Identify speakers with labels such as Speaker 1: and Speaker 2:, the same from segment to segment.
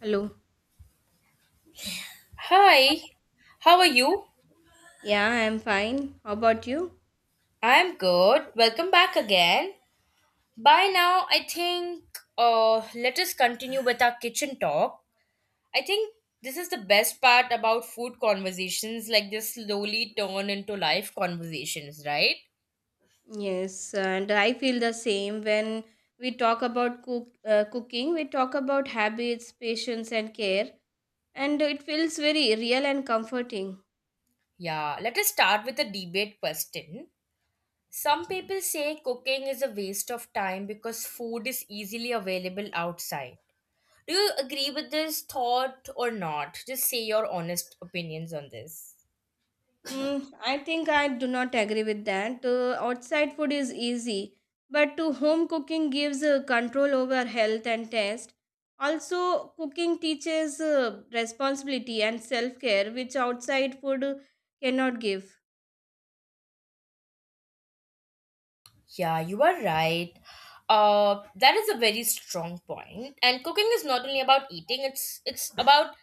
Speaker 1: Hello.
Speaker 2: Hi, how are you?
Speaker 1: Yeah, I'm fine. How about you?
Speaker 2: I'm good. Welcome back again. By now, I think let us continue with our kitchen talk. I think this is the best part about food conversations, like they slowly turn into life conversations, right?
Speaker 1: Yes, and I feel the same when we talk about cooking. We talk about habits, patience, and care, and it feels very real and comforting.
Speaker 2: Yeah, let us start with a debate question. Some people say cooking is a waste of time because food is easily available outside. Do you agree with this thought or not? Just say your honest opinions on this.
Speaker 1: I think I do not agree with that. Outside food is easy, but to home cooking gives control over health and taste. Also, cooking teaches responsibility and self care, which outside food cannot give.
Speaker 2: Yeah, you are right. That is a very strong point. And cooking is not only about eating, it's about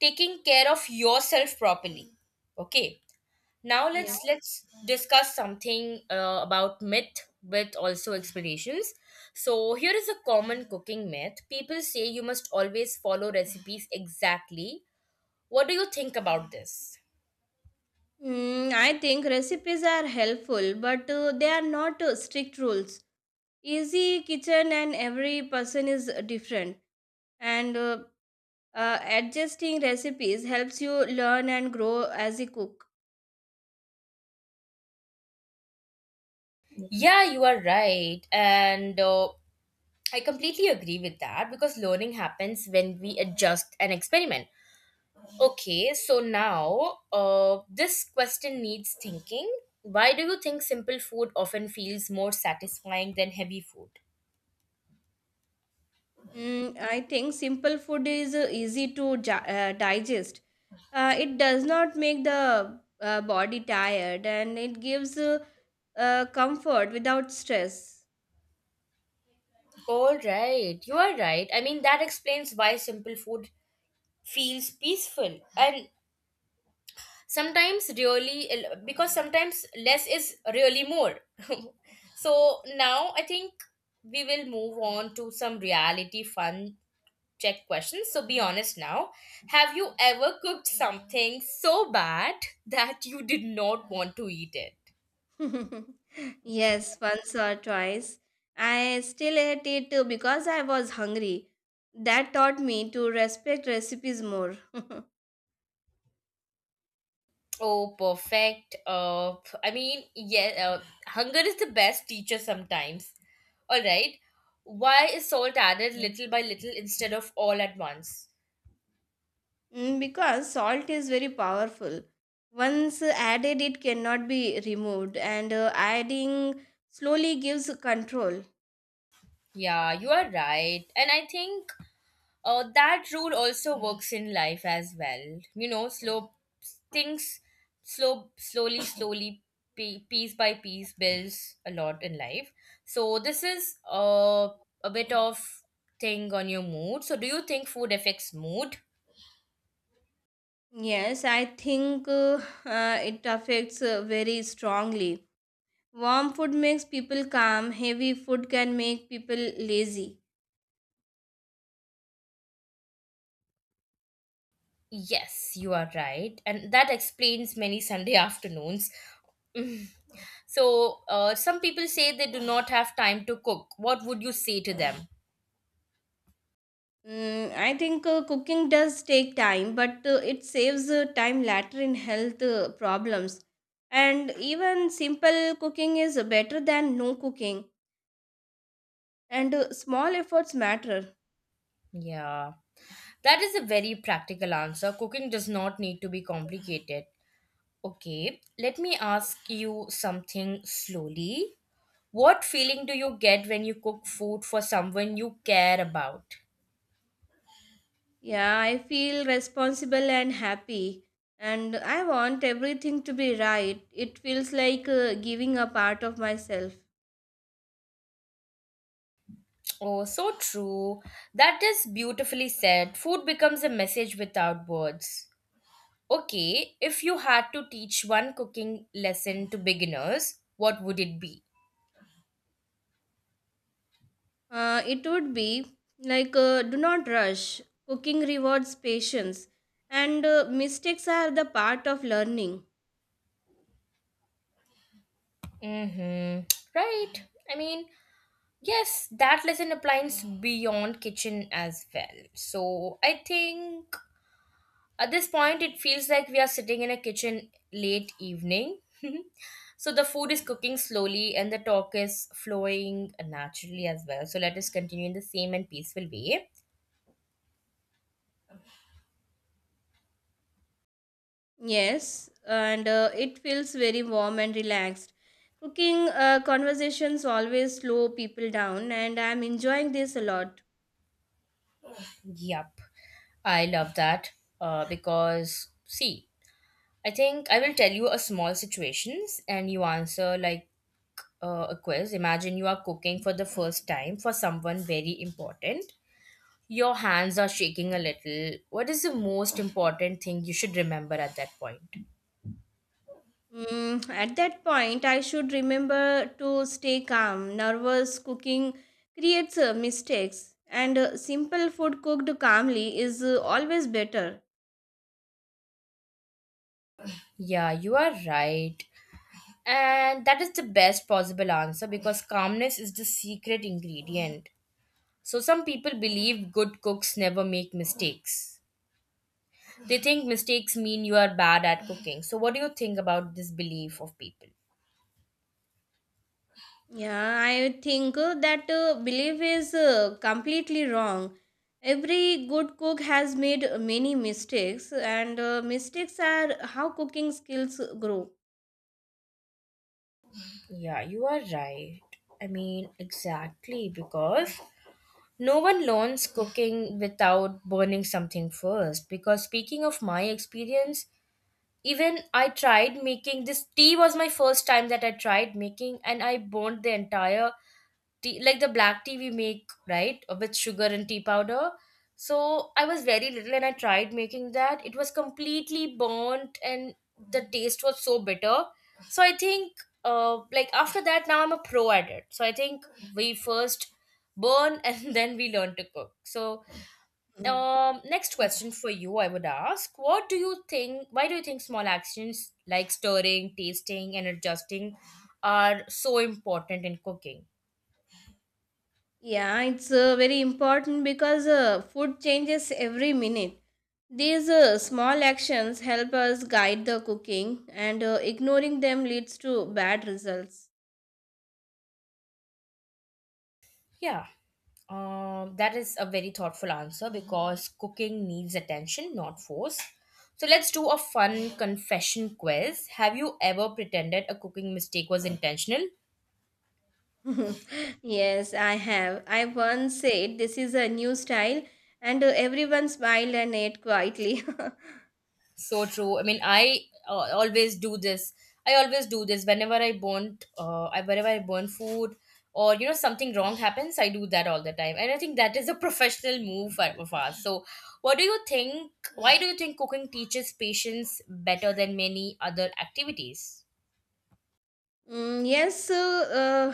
Speaker 2: taking care of yourself properly. Okay. Now
Speaker 1: Yeah.
Speaker 2: let's discuss something about myth with also explanations. So here is a common cooking myth. People say you must always follow recipes exactly. What do you think about this?
Speaker 1: I think recipes are helpful, but they are not strict rules. Easy kitchen and every person is different, and adjusting recipes helps you learn and grow as a cook.
Speaker 2: Yeah, you are right. And I completely agree with that because learning happens when we adjust an experiment. Okay, so now this question needs thinking. Why do you think simple food often feels more satisfying than heavy food?
Speaker 1: I think simple food is easy to digest. It does not make the body tired, and it gives comfort without stress.
Speaker 2: All right, you are right. I mean, that explains why simple food feels peaceful. And sometimes really because sometimes less is really more. So now I think we will move on to some reality fun check questions, so be honest now. Have you ever cooked something so bad that you did not want to eat it?
Speaker 1: Yes, once or twice. I still ate it because I was hungry. That taught me to respect recipes more.
Speaker 2: Oh, perfect. I mean, yeah, hunger is the best teacher sometimes. All right, why is salt added little by little instead of all at once?
Speaker 1: Because salt is very powerful. Once added, it cannot be removed, and adding slowly gives control.
Speaker 2: Yeah, you are right. And I think that rule also works in life as well. You know, slow things, slow, slowly, slowly, piece by piece builds a lot in life. So this is a bit of thing on your mood. So do you think food affects mood?
Speaker 1: Yes, I think it affects very strongly. Warm food makes people calm, heavy food can make people lazy.
Speaker 2: Yes, you are right. And that explains many Sunday afternoons. So some people say they do not have time to cook. What would you say to them?
Speaker 1: I think cooking does take time, but it saves time later in health problems. And even simple cooking is better than no cooking. And small efforts matter.
Speaker 2: Yeah. That is a very practical answer. Cooking does not need to be complicated. Okay, let me ask you something slowly. What feeling do you get when you cook food for someone you care about?
Speaker 1: Yeah, I feel responsible and happy. And I want everything to be right. It feels like giving a part of myself.
Speaker 2: Oh, so true. That is beautifully said. Food becomes a message without words. Okay, if you had to teach one cooking lesson to beginners, what would it be?
Speaker 1: It would be like do not rush. Cooking rewards patience, and mistakes are the part of learning.
Speaker 2: Mm-hmm. Right. I mean, yes, that lesson applies beyond kitchen as well. So I think at this point it feels like we are sitting in a kitchen late evening. So the food is cooking slowly and the talk is flowing naturally as well. So let us continue in the same and peaceful way.
Speaker 1: Yes, and it feels very warm and relaxed. Cooking conversations always slow people down, and I'm enjoying this a lot.
Speaker 2: Yup. I love that because see, I think I will tell you a small situations and you answer like a quiz. Imagine you are cooking for the first time for someone very important. Your hands are shaking a little. What is the most important thing you should remember at that point?
Speaker 1: At that point, I should remember to stay calm. Nervous cooking creates mistakes, and simple food cooked calmly is always better.
Speaker 2: Yeah, you are right. And that is the best possible answer because calmness is the secret ingredient. So, some people believe good cooks never make mistakes. They think mistakes mean you are bad at cooking. So, what do you think about this belief of people?
Speaker 1: Yeah, I think that belief is completely wrong. Every good cook has made many mistakes, and mistakes are how cooking skills grow.
Speaker 2: Yeah, you are right. I mean, exactly because no one learns cooking without burning something first. Because speaking of my experience, even I tried making this tea was my first time that I tried making, and I burned the entire tea, like the black tea we make, right, with sugar and tea powder. So I was very little and I tried making that. It was completely burnt and the taste was so bitter. So I think, like after that, now I'm a pro at it. So I think we first burn and then we learn to cook. So
Speaker 1: Mm.
Speaker 2: next question for you, I would ask: what do you think? Why do you think small actions like stirring, tasting, and adjusting are so important in cooking?
Speaker 1: Yeah, it's very important because food changes every minute. These small actions help us guide the cooking, and ignoring them leads to bad results.
Speaker 2: Yeah, that is a very thoughtful answer because cooking needs attention, not force. So let's do a fun confession quiz. Have you ever pretended a cooking mistake was intentional?
Speaker 1: Yes, I have. I once said this is a new style, and everyone smiled and ate quietly.
Speaker 2: So true. I mean, I always do this. I always do this whenever I burn, whenever I burn food or you know something wrong happens. I do that all the time, and I think that is a professional move of ours. So, what do you think? Why do you think cooking teaches patience better than many other activities?
Speaker 1: Yes, uh,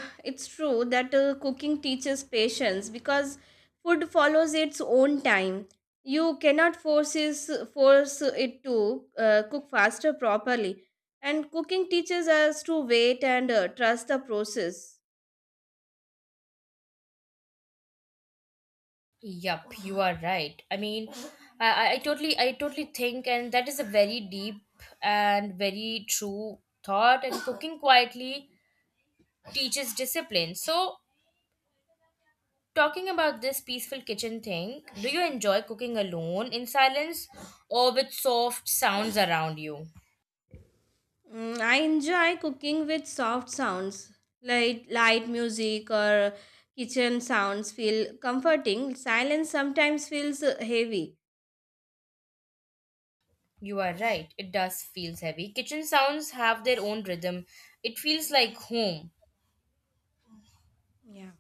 Speaker 1: uh, it's true that cooking teaches patience because food follows its own time. You cannot force it to cook faster properly, and cooking teaches us to wait and trust the process.
Speaker 2: Yup, you are right. I mean, I totally, I totally think, and that is a very deep and very true thought. And cooking quietly teaches discipline. So talking about this peaceful kitchen thing, do you enjoy cooking alone in silence or with soft sounds around you?
Speaker 1: I enjoy cooking with soft sounds like light music or kitchen sounds feel comforting. Silence sometimes feels heavy.
Speaker 2: You are right, it does feels heavy. Kitchen sounds have their own rhythm. It feels like home.
Speaker 1: Yeah.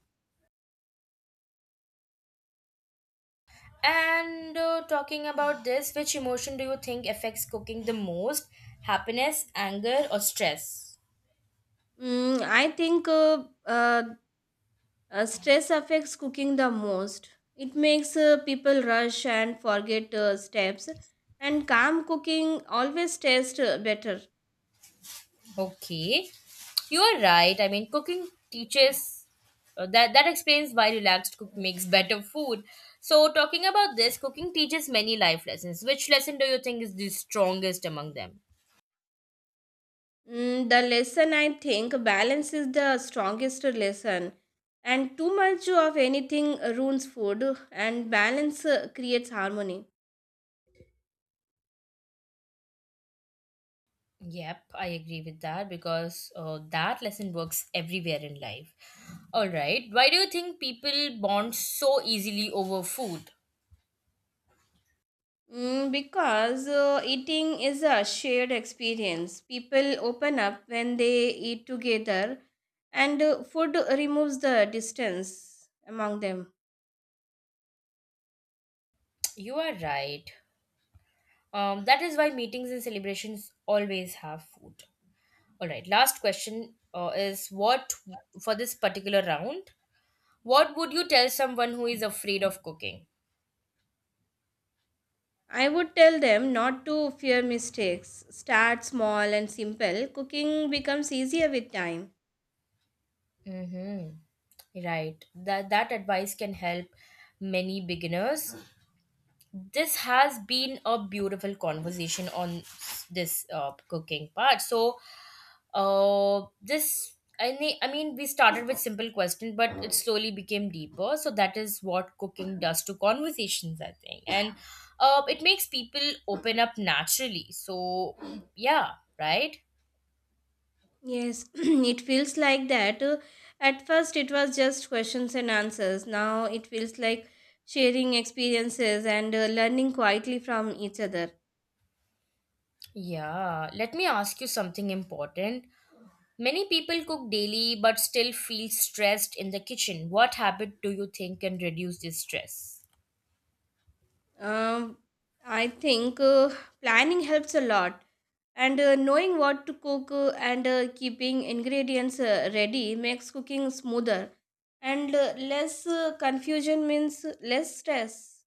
Speaker 2: And talking about this, which emotion do you think affects cooking the most? Happiness, anger, or stress?
Speaker 1: I think stress affects cooking the most. It makes people rush and forget steps, and calm cooking always tastes better.
Speaker 2: Okay. You are right. I mean, cooking teaches that explains why relaxed cook makes better food. So, talking about this, cooking teaches many life lessons. Which lesson do you think is the strongest among them?
Speaker 1: The lesson, I think, balance is the strongest lesson, and too much of anything ruins food, and balance creates harmony.
Speaker 2: Yep, I agree with that because that lesson works everywhere in life. All right. Why do you think people bond so easily over food?
Speaker 1: Because eating is a shared experience. People open up when they eat together, and food removes the distance among them.
Speaker 2: You are right. That is why meetings and celebrations always have food. All right, last question is what for this particular round? What would you tell someone who is afraid of cooking?
Speaker 1: I would tell them not to fear mistakes. Start small and simple. Cooking becomes easier with time.
Speaker 2: Mm-hmm. Right. That advice can help many beginners. This has been a beautiful conversation on this cooking part. So this I mean we started with simple question but it slowly became deeper, so that is what cooking does to conversations I think. And it makes people open up naturally, so yeah, right.
Speaker 1: Yes, it feels like that. At first, it was just questions and answers. Now it feels like sharing experiences and learning quietly from each other.
Speaker 2: Yeah, let me ask you something important. Many people cook daily but still feel stressed in the kitchen. What habit do you think can reduce this stress?
Speaker 1: Um, I think planning helps a lot, and knowing what to cook and keeping ingredients ready makes cooking smoother and less confusion means less stress.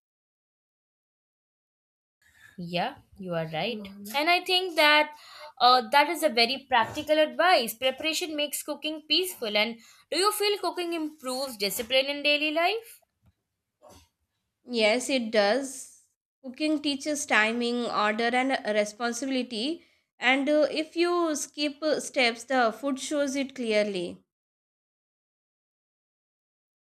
Speaker 2: Yeah, you are right. And I think that that is a very practical advice. Preparation makes cooking peaceful. And do you feel cooking improves discipline in daily life?
Speaker 1: Yes, it does. Cooking teaches timing, order, and responsibility. And if you skip steps, the food shows it clearly.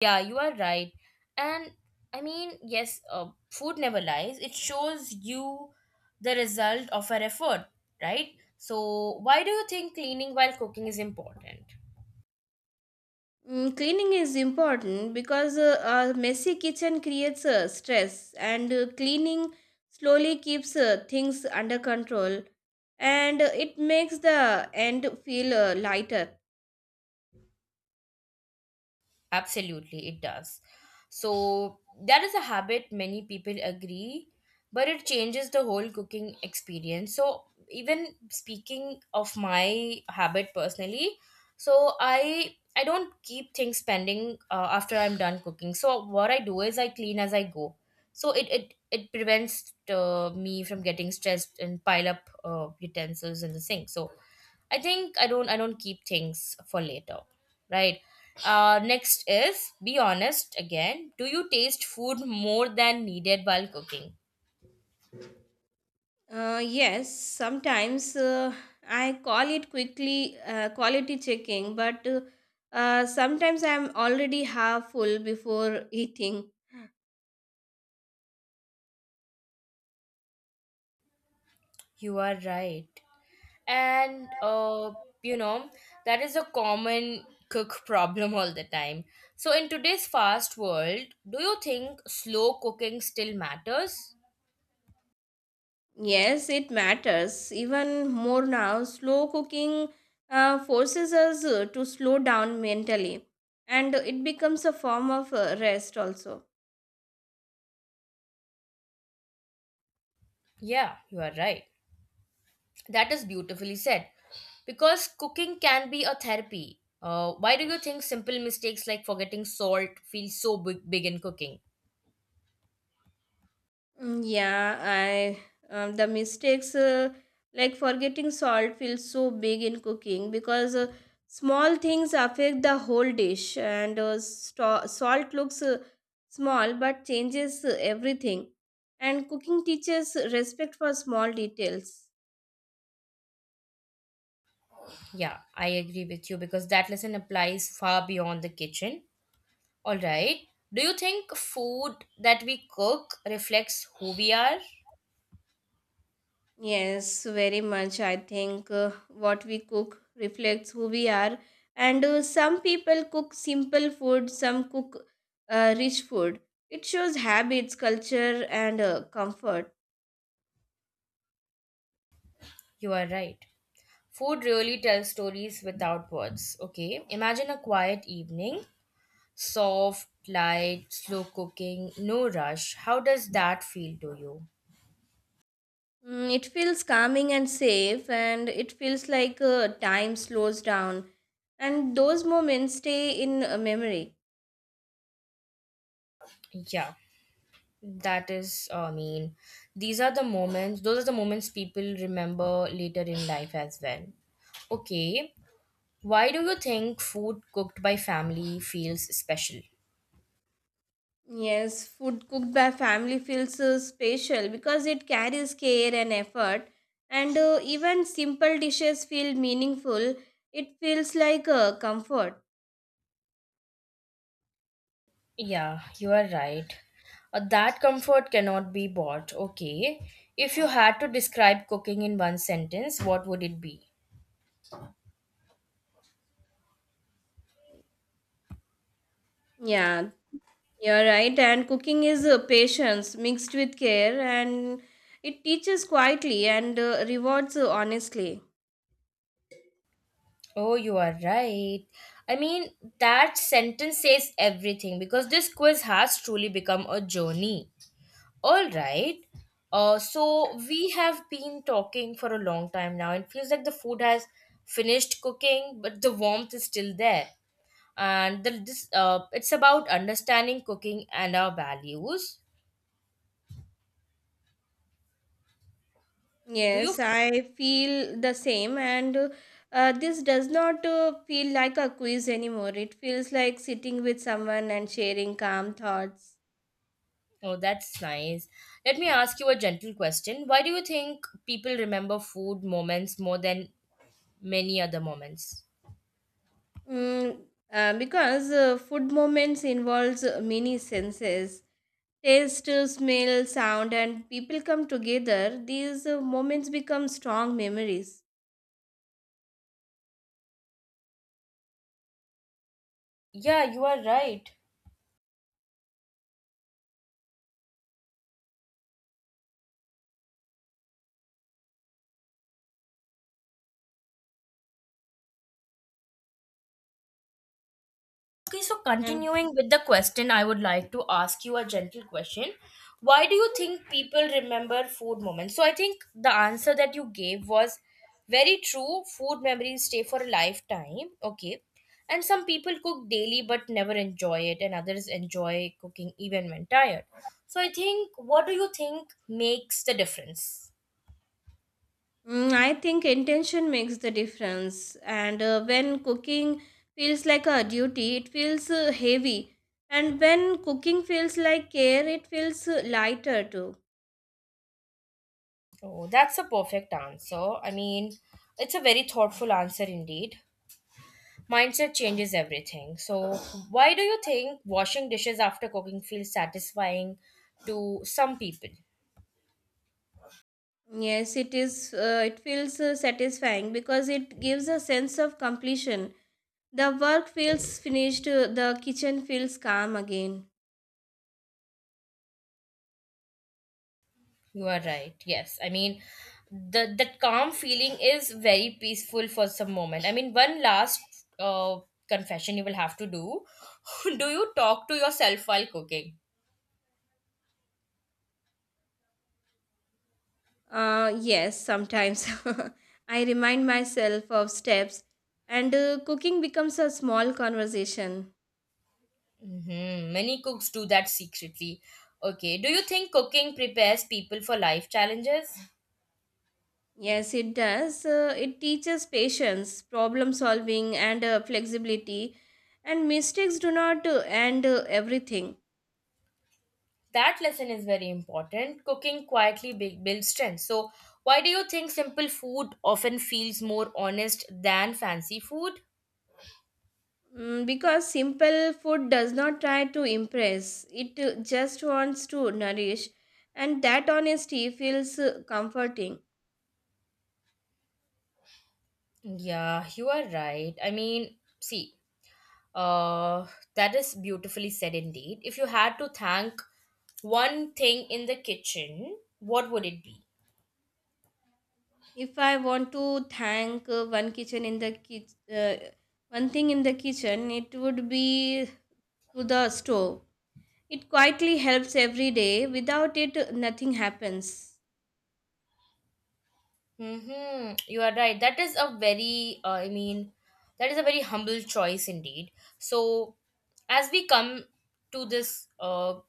Speaker 2: Yeah, you are right. And I mean, yes, food never lies. It shows you the result of our effort, right? So, why do you think cleaning while cooking is important?
Speaker 1: Cleaning is important because a messy kitchen creates stress, and cleaning slowly keeps things under control and it makes the end feel lighter.
Speaker 2: Absolutely, it does. So, that is a habit many people agree, but it changes the whole cooking experience. So, even speaking of my habit personally, so I don't keep things pending after I'm done cooking. So, what I do is I clean as I go, so it prevents me from getting stressed and pile up utensils in the sink. So I think I don't keep things for later, right. Next is, be honest again, do you taste food more than needed while cooking?
Speaker 1: Yes, sometimes I call it quickly quality checking, but sometimes I'm already half full before eating.
Speaker 2: You are right. And you know that is a common cook problem all the time. So in today's fast world, do you think slow cooking still matters?
Speaker 1: Yes, it matters even more now. Slow cooking forces us to slow down mentally, and it becomes a form of rest also.
Speaker 2: Yeah, you are right. That is beautifully said. Because cooking can be a therapy. Why do you think simple mistakes like forgetting salt feel so big, big in cooking?
Speaker 1: Yeah, I the mistakes like forgetting salt feels so big in cooking because small things affect the whole dish, and salt looks small but changes everything. And cooking teaches respect for small details.
Speaker 2: Yeah, I agree with you because that lesson applies far beyond the kitchen. All right. Do you think food that we cook reflects who we are?
Speaker 1: Yes, very much. I think what we cook reflects who we are. And some people cook simple food, some cook rich food. It shows habits, culture, and comfort.
Speaker 2: You are right. Food really tells stories without words. Okay. Imagine a quiet evening, soft, light, slow cooking, no rush. How does that feel to you?
Speaker 1: It feels calming and safe, and it feels like time slows down. And those moments stay in memory.
Speaker 2: Yeah. That is, I mean, these are the moments, those are the moments people remember later in life as well. Okay, why do you think food cooked by family feels special?
Speaker 1: Yes, food cooked by family feels special because it carries care and effort, and even simple dishes feel meaningful. It feels like comfort.
Speaker 2: Yeah, you are right. That comfort cannot be bought. Okay, if you had to describe cooking in one sentence, what would it be?
Speaker 1: Yeah, you're right. And cooking is patience mixed with care, and it teaches quietly and rewards honestly.
Speaker 2: Oh, you are right. I mean, that sentence says everything because this quiz has truly become a journey. All right. So we have been talking for a long time now. It feels like the food has finished cooking, but the warmth is still there. And the, this it's about understanding cooking and our values. Do you?
Speaker 1: Yes, I feel the same, and this does not feel like a quiz anymore. It feels like sitting with someone and sharing calm thoughts.
Speaker 2: Oh, that's nice. Let me ask you a gentle question. Why do you think people remember food moments more than many other moments?
Speaker 1: Mm, because food moments involves many senses: taste, smell, sound, and people come together. These moments become strong memories.
Speaker 2: Yeah, you are right. Okay, so
Speaker 1: And
Speaker 2: continuing with the question, I would like to ask you a gentle question. Why do you think people remember food moments? So I think the answer that you gave was very true. Food memories stay for a lifetime. Okay. And some people cook daily but never enjoy it, and others enjoy cooking even when tired. So I think, what do you think makes the difference?
Speaker 1: I think intention makes the difference. And when cooking feels like a duty, it feels heavy. And when cooking feels like care, it feels lighter too.
Speaker 2: Oh, that's a perfect answer. I mean, it's a very thoughtful answer indeed. Mindset changes everything. So, why do you think washing dishes after cooking feels satisfying to some people?
Speaker 1: Yes, it is. It feels satisfying because it gives a sense of completion. The work feels finished. Uh, the kitchen feels calm again.
Speaker 2: You are right. Yes. I mean, the that calm feeling is very peaceful for some moment. I mean, one last confession you will have to do. Do you talk to yourself while cooking?
Speaker 1: Yes, sometimes I remind myself of steps, and cooking becomes a small conversation.
Speaker 2: Many cooks do that secretly. Okay. Do you think cooking prepares people for life challenges?
Speaker 1: Yes, it does. It teaches patience, problem solving, and flexibility. And mistakes do not end everything.
Speaker 2: That lesson is very important. Cooking quietly builds strength. So, why do you think simple food often feels more honest than fancy food?
Speaker 1: Because simple food does not try to impress, it just wants to nourish. And that honesty feels comforting.
Speaker 2: Yeah, you are right. I mean, see, uh, that is beautifully said indeed. If you had to thank one thing in the kitchen, what would it be?
Speaker 1: If I want to thank one kitchen in the kitchen, one thing in the kitchen, it would be to the stove. It quietly helps every day. Without it, nothing happens.
Speaker 2: Mm-hmm. You are right. That is a very, I mean, that is a very humble choice indeed. So, as we come to this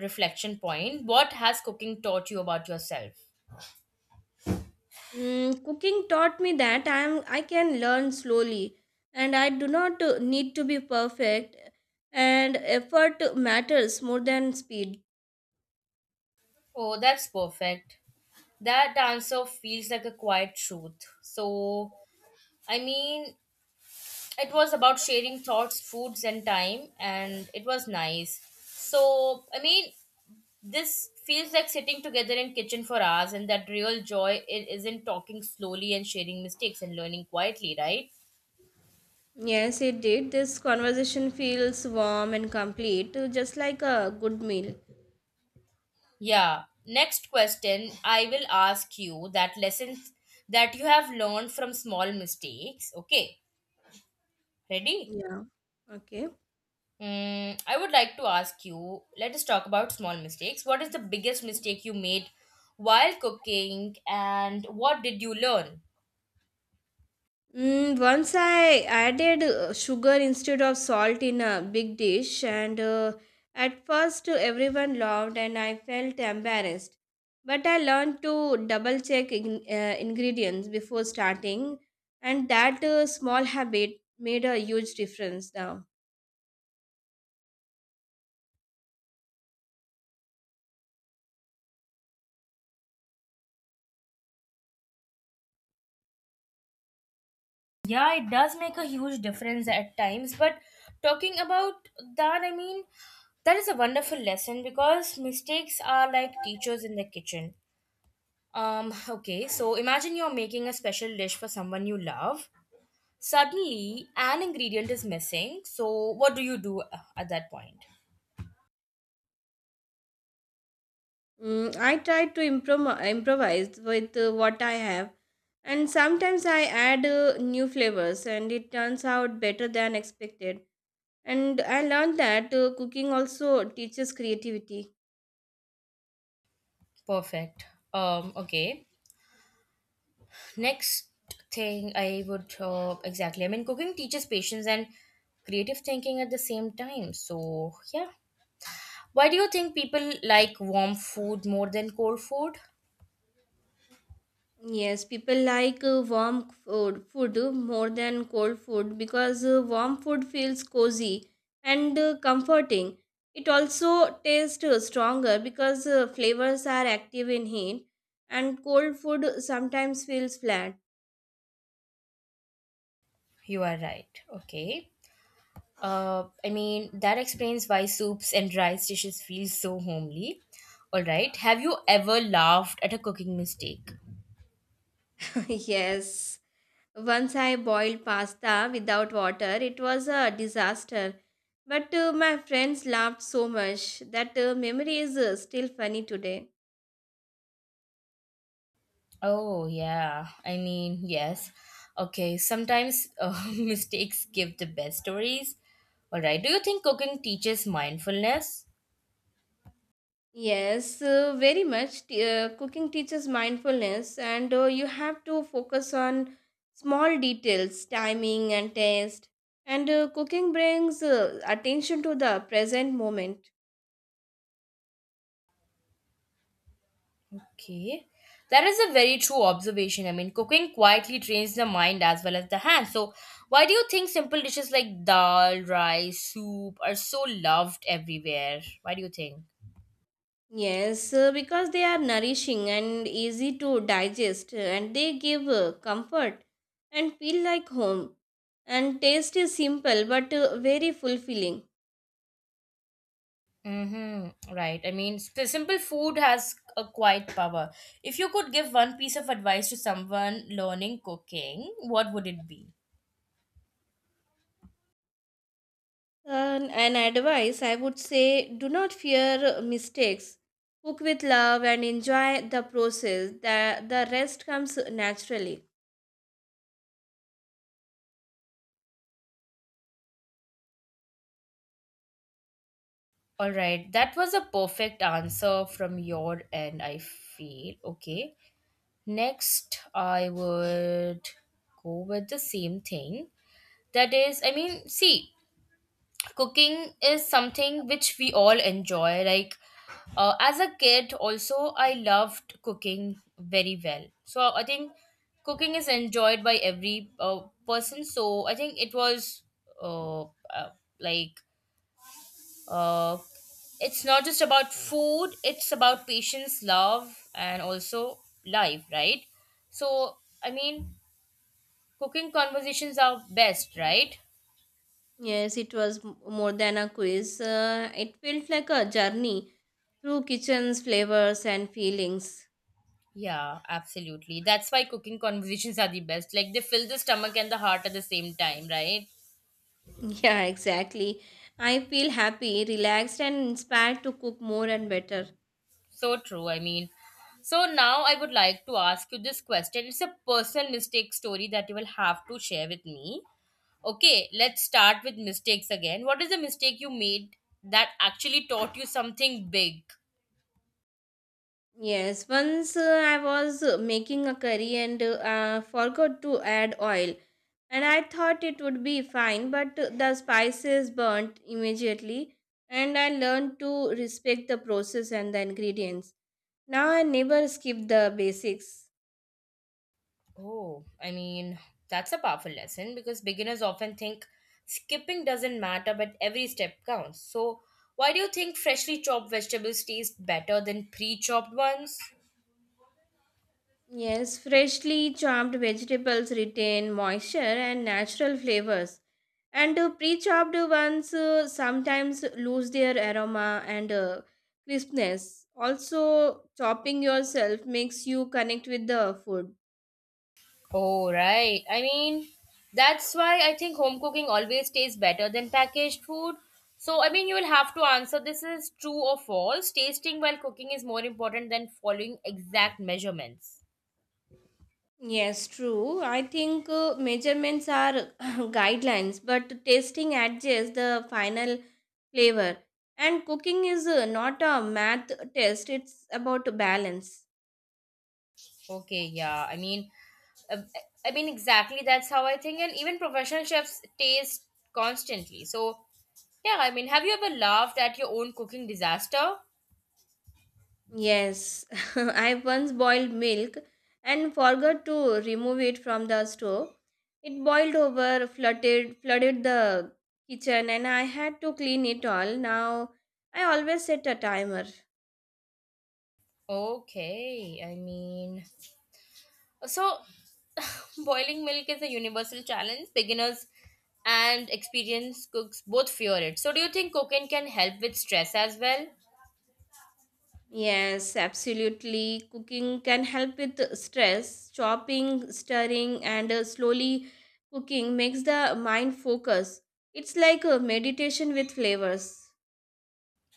Speaker 2: reflection point, what has cooking taught you about yourself?
Speaker 1: Cooking taught me that I can learn slowly and I do not need to be perfect and effort matters more than speed.
Speaker 2: Oh, that's perfect. That answer feels like a quiet truth. So, I mean, it was about sharing thoughts, foods, and time, and it was nice. So, I mean, this feels like sitting together in kitchen for hours and that real joy isn't talking slowly and sharing mistakes and learning quietly, right?
Speaker 1: Yes, it did. This conversation feels warm and complete, just like a good meal.
Speaker 2: Yeah. Next question, I will ask you that lessons that you have learned from small mistakes. Okay. Ready?
Speaker 1: Yeah. Okay.
Speaker 2: I would like to ask you, let us talk about small mistakes. What is the biggest mistake you made while cooking and what did you learn?
Speaker 1: Once I added sugar instead of salt in a big dish, and at first everyone laughed and I felt embarrassed. But I learned to double check in, ingredients before starting, and that small habit made a huge difference now.
Speaker 2: Yeah, it does make a huge difference at times, but talking about that, I mean, that is a wonderful lesson because mistakes are like teachers in the kitchen. Okay, so imagine you're making a special dish for someone you love. Suddenly, an ingredient is missing. So, what do you do at that point?
Speaker 1: I try to improvise with what I have, and sometimes I add new flavors, and it turns out better than expected. And I learned that cooking also teaches creativity.
Speaker 2: Perfect. Okay. Next thing I would exactly, I mean, cooking teaches patience and creative thinking at the same time. So, yeah. Why do you think people like warm food more than cold food?
Speaker 1: Yes, people like food more than cold food because warm food feels cozy and comforting. It also tastes stronger because flavors are active in heat, and cold food sometimes feels flat.
Speaker 2: You are right. Okay. I mean, that explains why soups and rice dishes feel so homely. All right. Have you ever laughed at a cooking mistake?
Speaker 1: Yes. Once I boiled pasta without water, it was a disaster. But my friends laughed so much that memory is still funny today.
Speaker 2: Oh, yeah. I mean, yes. Okay. Sometimes mistakes give the best stories. All right. Do you think cooking teaches mindfulness?
Speaker 1: Yes, very much. Cooking teaches mindfulness, and you have to focus on small details, timing, and taste. And cooking brings attention to the present moment.
Speaker 2: Okay. That is a very true observation. I mean, cooking quietly trains the mind as well as the hand. So, why do you think simple dishes like dal, rice, soup are so loved everywhere? Why do you think?
Speaker 1: Yes, because they are nourishing and easy to digest, and they give comfort and feel like home. And taste is simple but very fulfilling.
Speaker 2: Mm-hmm. Right. I mean, simple food has a quiet power. If you could give one piece of advice to someone learning cooking, what would it be?
Speaker 1: And an advice I would say do not fear mistakes. Cook with love and enjoy the process. The rest comes naturally.
Speaker 2: All right. That was a perfect answer from your end, I feel. Okay. Next, I would go with the same thing. That is, I mean, see, cooking is something which we all enjoy. Like, as a kid, also, I loved cooking very well. So, I think cooking is enjoyed by every person. So, I think it was uh, uh, like, uh, it's not just about food, it's about patience, love, and also life, right? So, I mean, cooking conversations are best, right?
Speaker 1: Yes, it was more than a quiz. It felt like a journey through kitchens, flavors, and feelings.
Speaker 2: Yeah, absolutely. That's why cooking conversations are the best. Like they fill the stomach and the heart at the same time, right?
Speaker 1: Yeah, exactly. I feel happy, relaxed, and inspired to cook more and better.
Speaker 2: So true. I mean, so now I would like to ask you this question. It's a personal mistake story that you will have to share with me. Okay, let's start with mistakes again. What is the mistake you made that actually taught you something big?
Speaker 1: Yes, once I was making a curry and forgot to add oil, and I thought it would be fine, but the spices burnt immediately, and I learned to respect the process and the ingredients. Now I never skip the basics.
Speaker 2: Oh, I mean, that's a powerful lesson because beginners often think skipping doesn't matter, but every step counts. So, why do you think freshly chopped vegetables taste better than pre chopped ones?
Speaker 1: Yes, freshly chopped vegetables retain moisture and natural flavors. And pre-chopped ones sometimes lose their aroma and crispness. Also, chopping yourself makes you connect with the food.
Speaker 2: Oh, right. I mean, that's why I think home cooking always tastes better than packaged food. So, I mean, you will have to answer this is true or false. Tasting while cooking is more important than following exact measurements.
Speaker 1: Yes, true. I think measurements are guidelines, but tasting adjusts the final flavor. And cooking is not a math test, it's about balance.
Speaker 2: Okay, yeah. I mean, uh, exactly. That's how I think, and even professional chefs taste constantly. So, yeah, I mean, have you ever laughed at your own cooking disaster?
Speaker 1: Yes, I once boiled milk and forgot to remove it from the stove. It boiled over, flooded the kitchen, and I had to clean it all. Now I always set a timer.
Speaker 2: Okay, I mean, so boiling milk is a universal challenge. Beginners and experienced cooks both fear it. So, do you think cooking can help with stress as well?
Speaker 1: Yes, absolutely. Cooking can help with stress. Chopping, stirring, and slowly cooking makes the mind focus. It's like a meditation with flavors.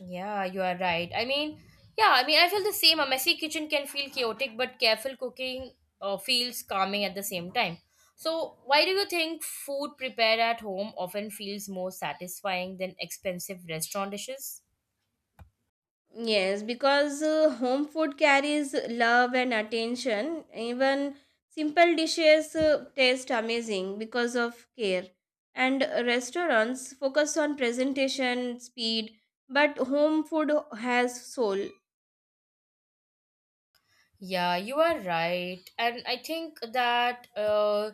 Speaker 2: Yeah, you are right. I mean, yeah, I mean, I feel the same. A messy kitchen can feel chaotic, but careful cooking feels calming at the same time. So, why do you think food prepared at home often feels more satisfying than expensive restaurant dishes?
Speaker 1: Yes, because home food carries love and attention. Even simple dishes taste amazing because of care. And restaurants focus on presentation, speed, but home food has soul.
Speaker 2: Yeah, you are right. And I think that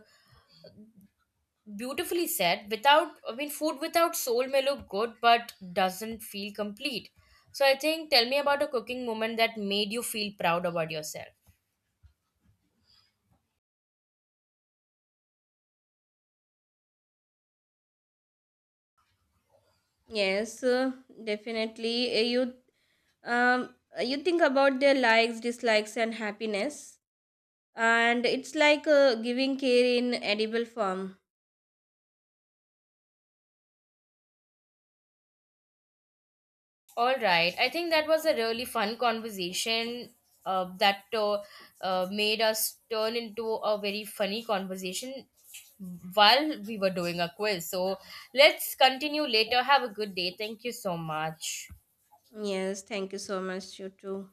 Speaker 2: beautifully said, without, I mean, food without soul may look good, but doesn't feel complete. So, I think, tell me about a cooking moment that made you feel proud about yourself.
Speaker 1: Yes, definitely. You think about their likes, dislikes, and happiness, and it's like giving care in edible form.
Speaker 2: All right. I think that was a really fun conversation that made us turn into a very funny conversation while we were doing a quiz. So let's continue later. Have a good day. Thank you so much.
Speaker 1: Yes, thank you so much. You too.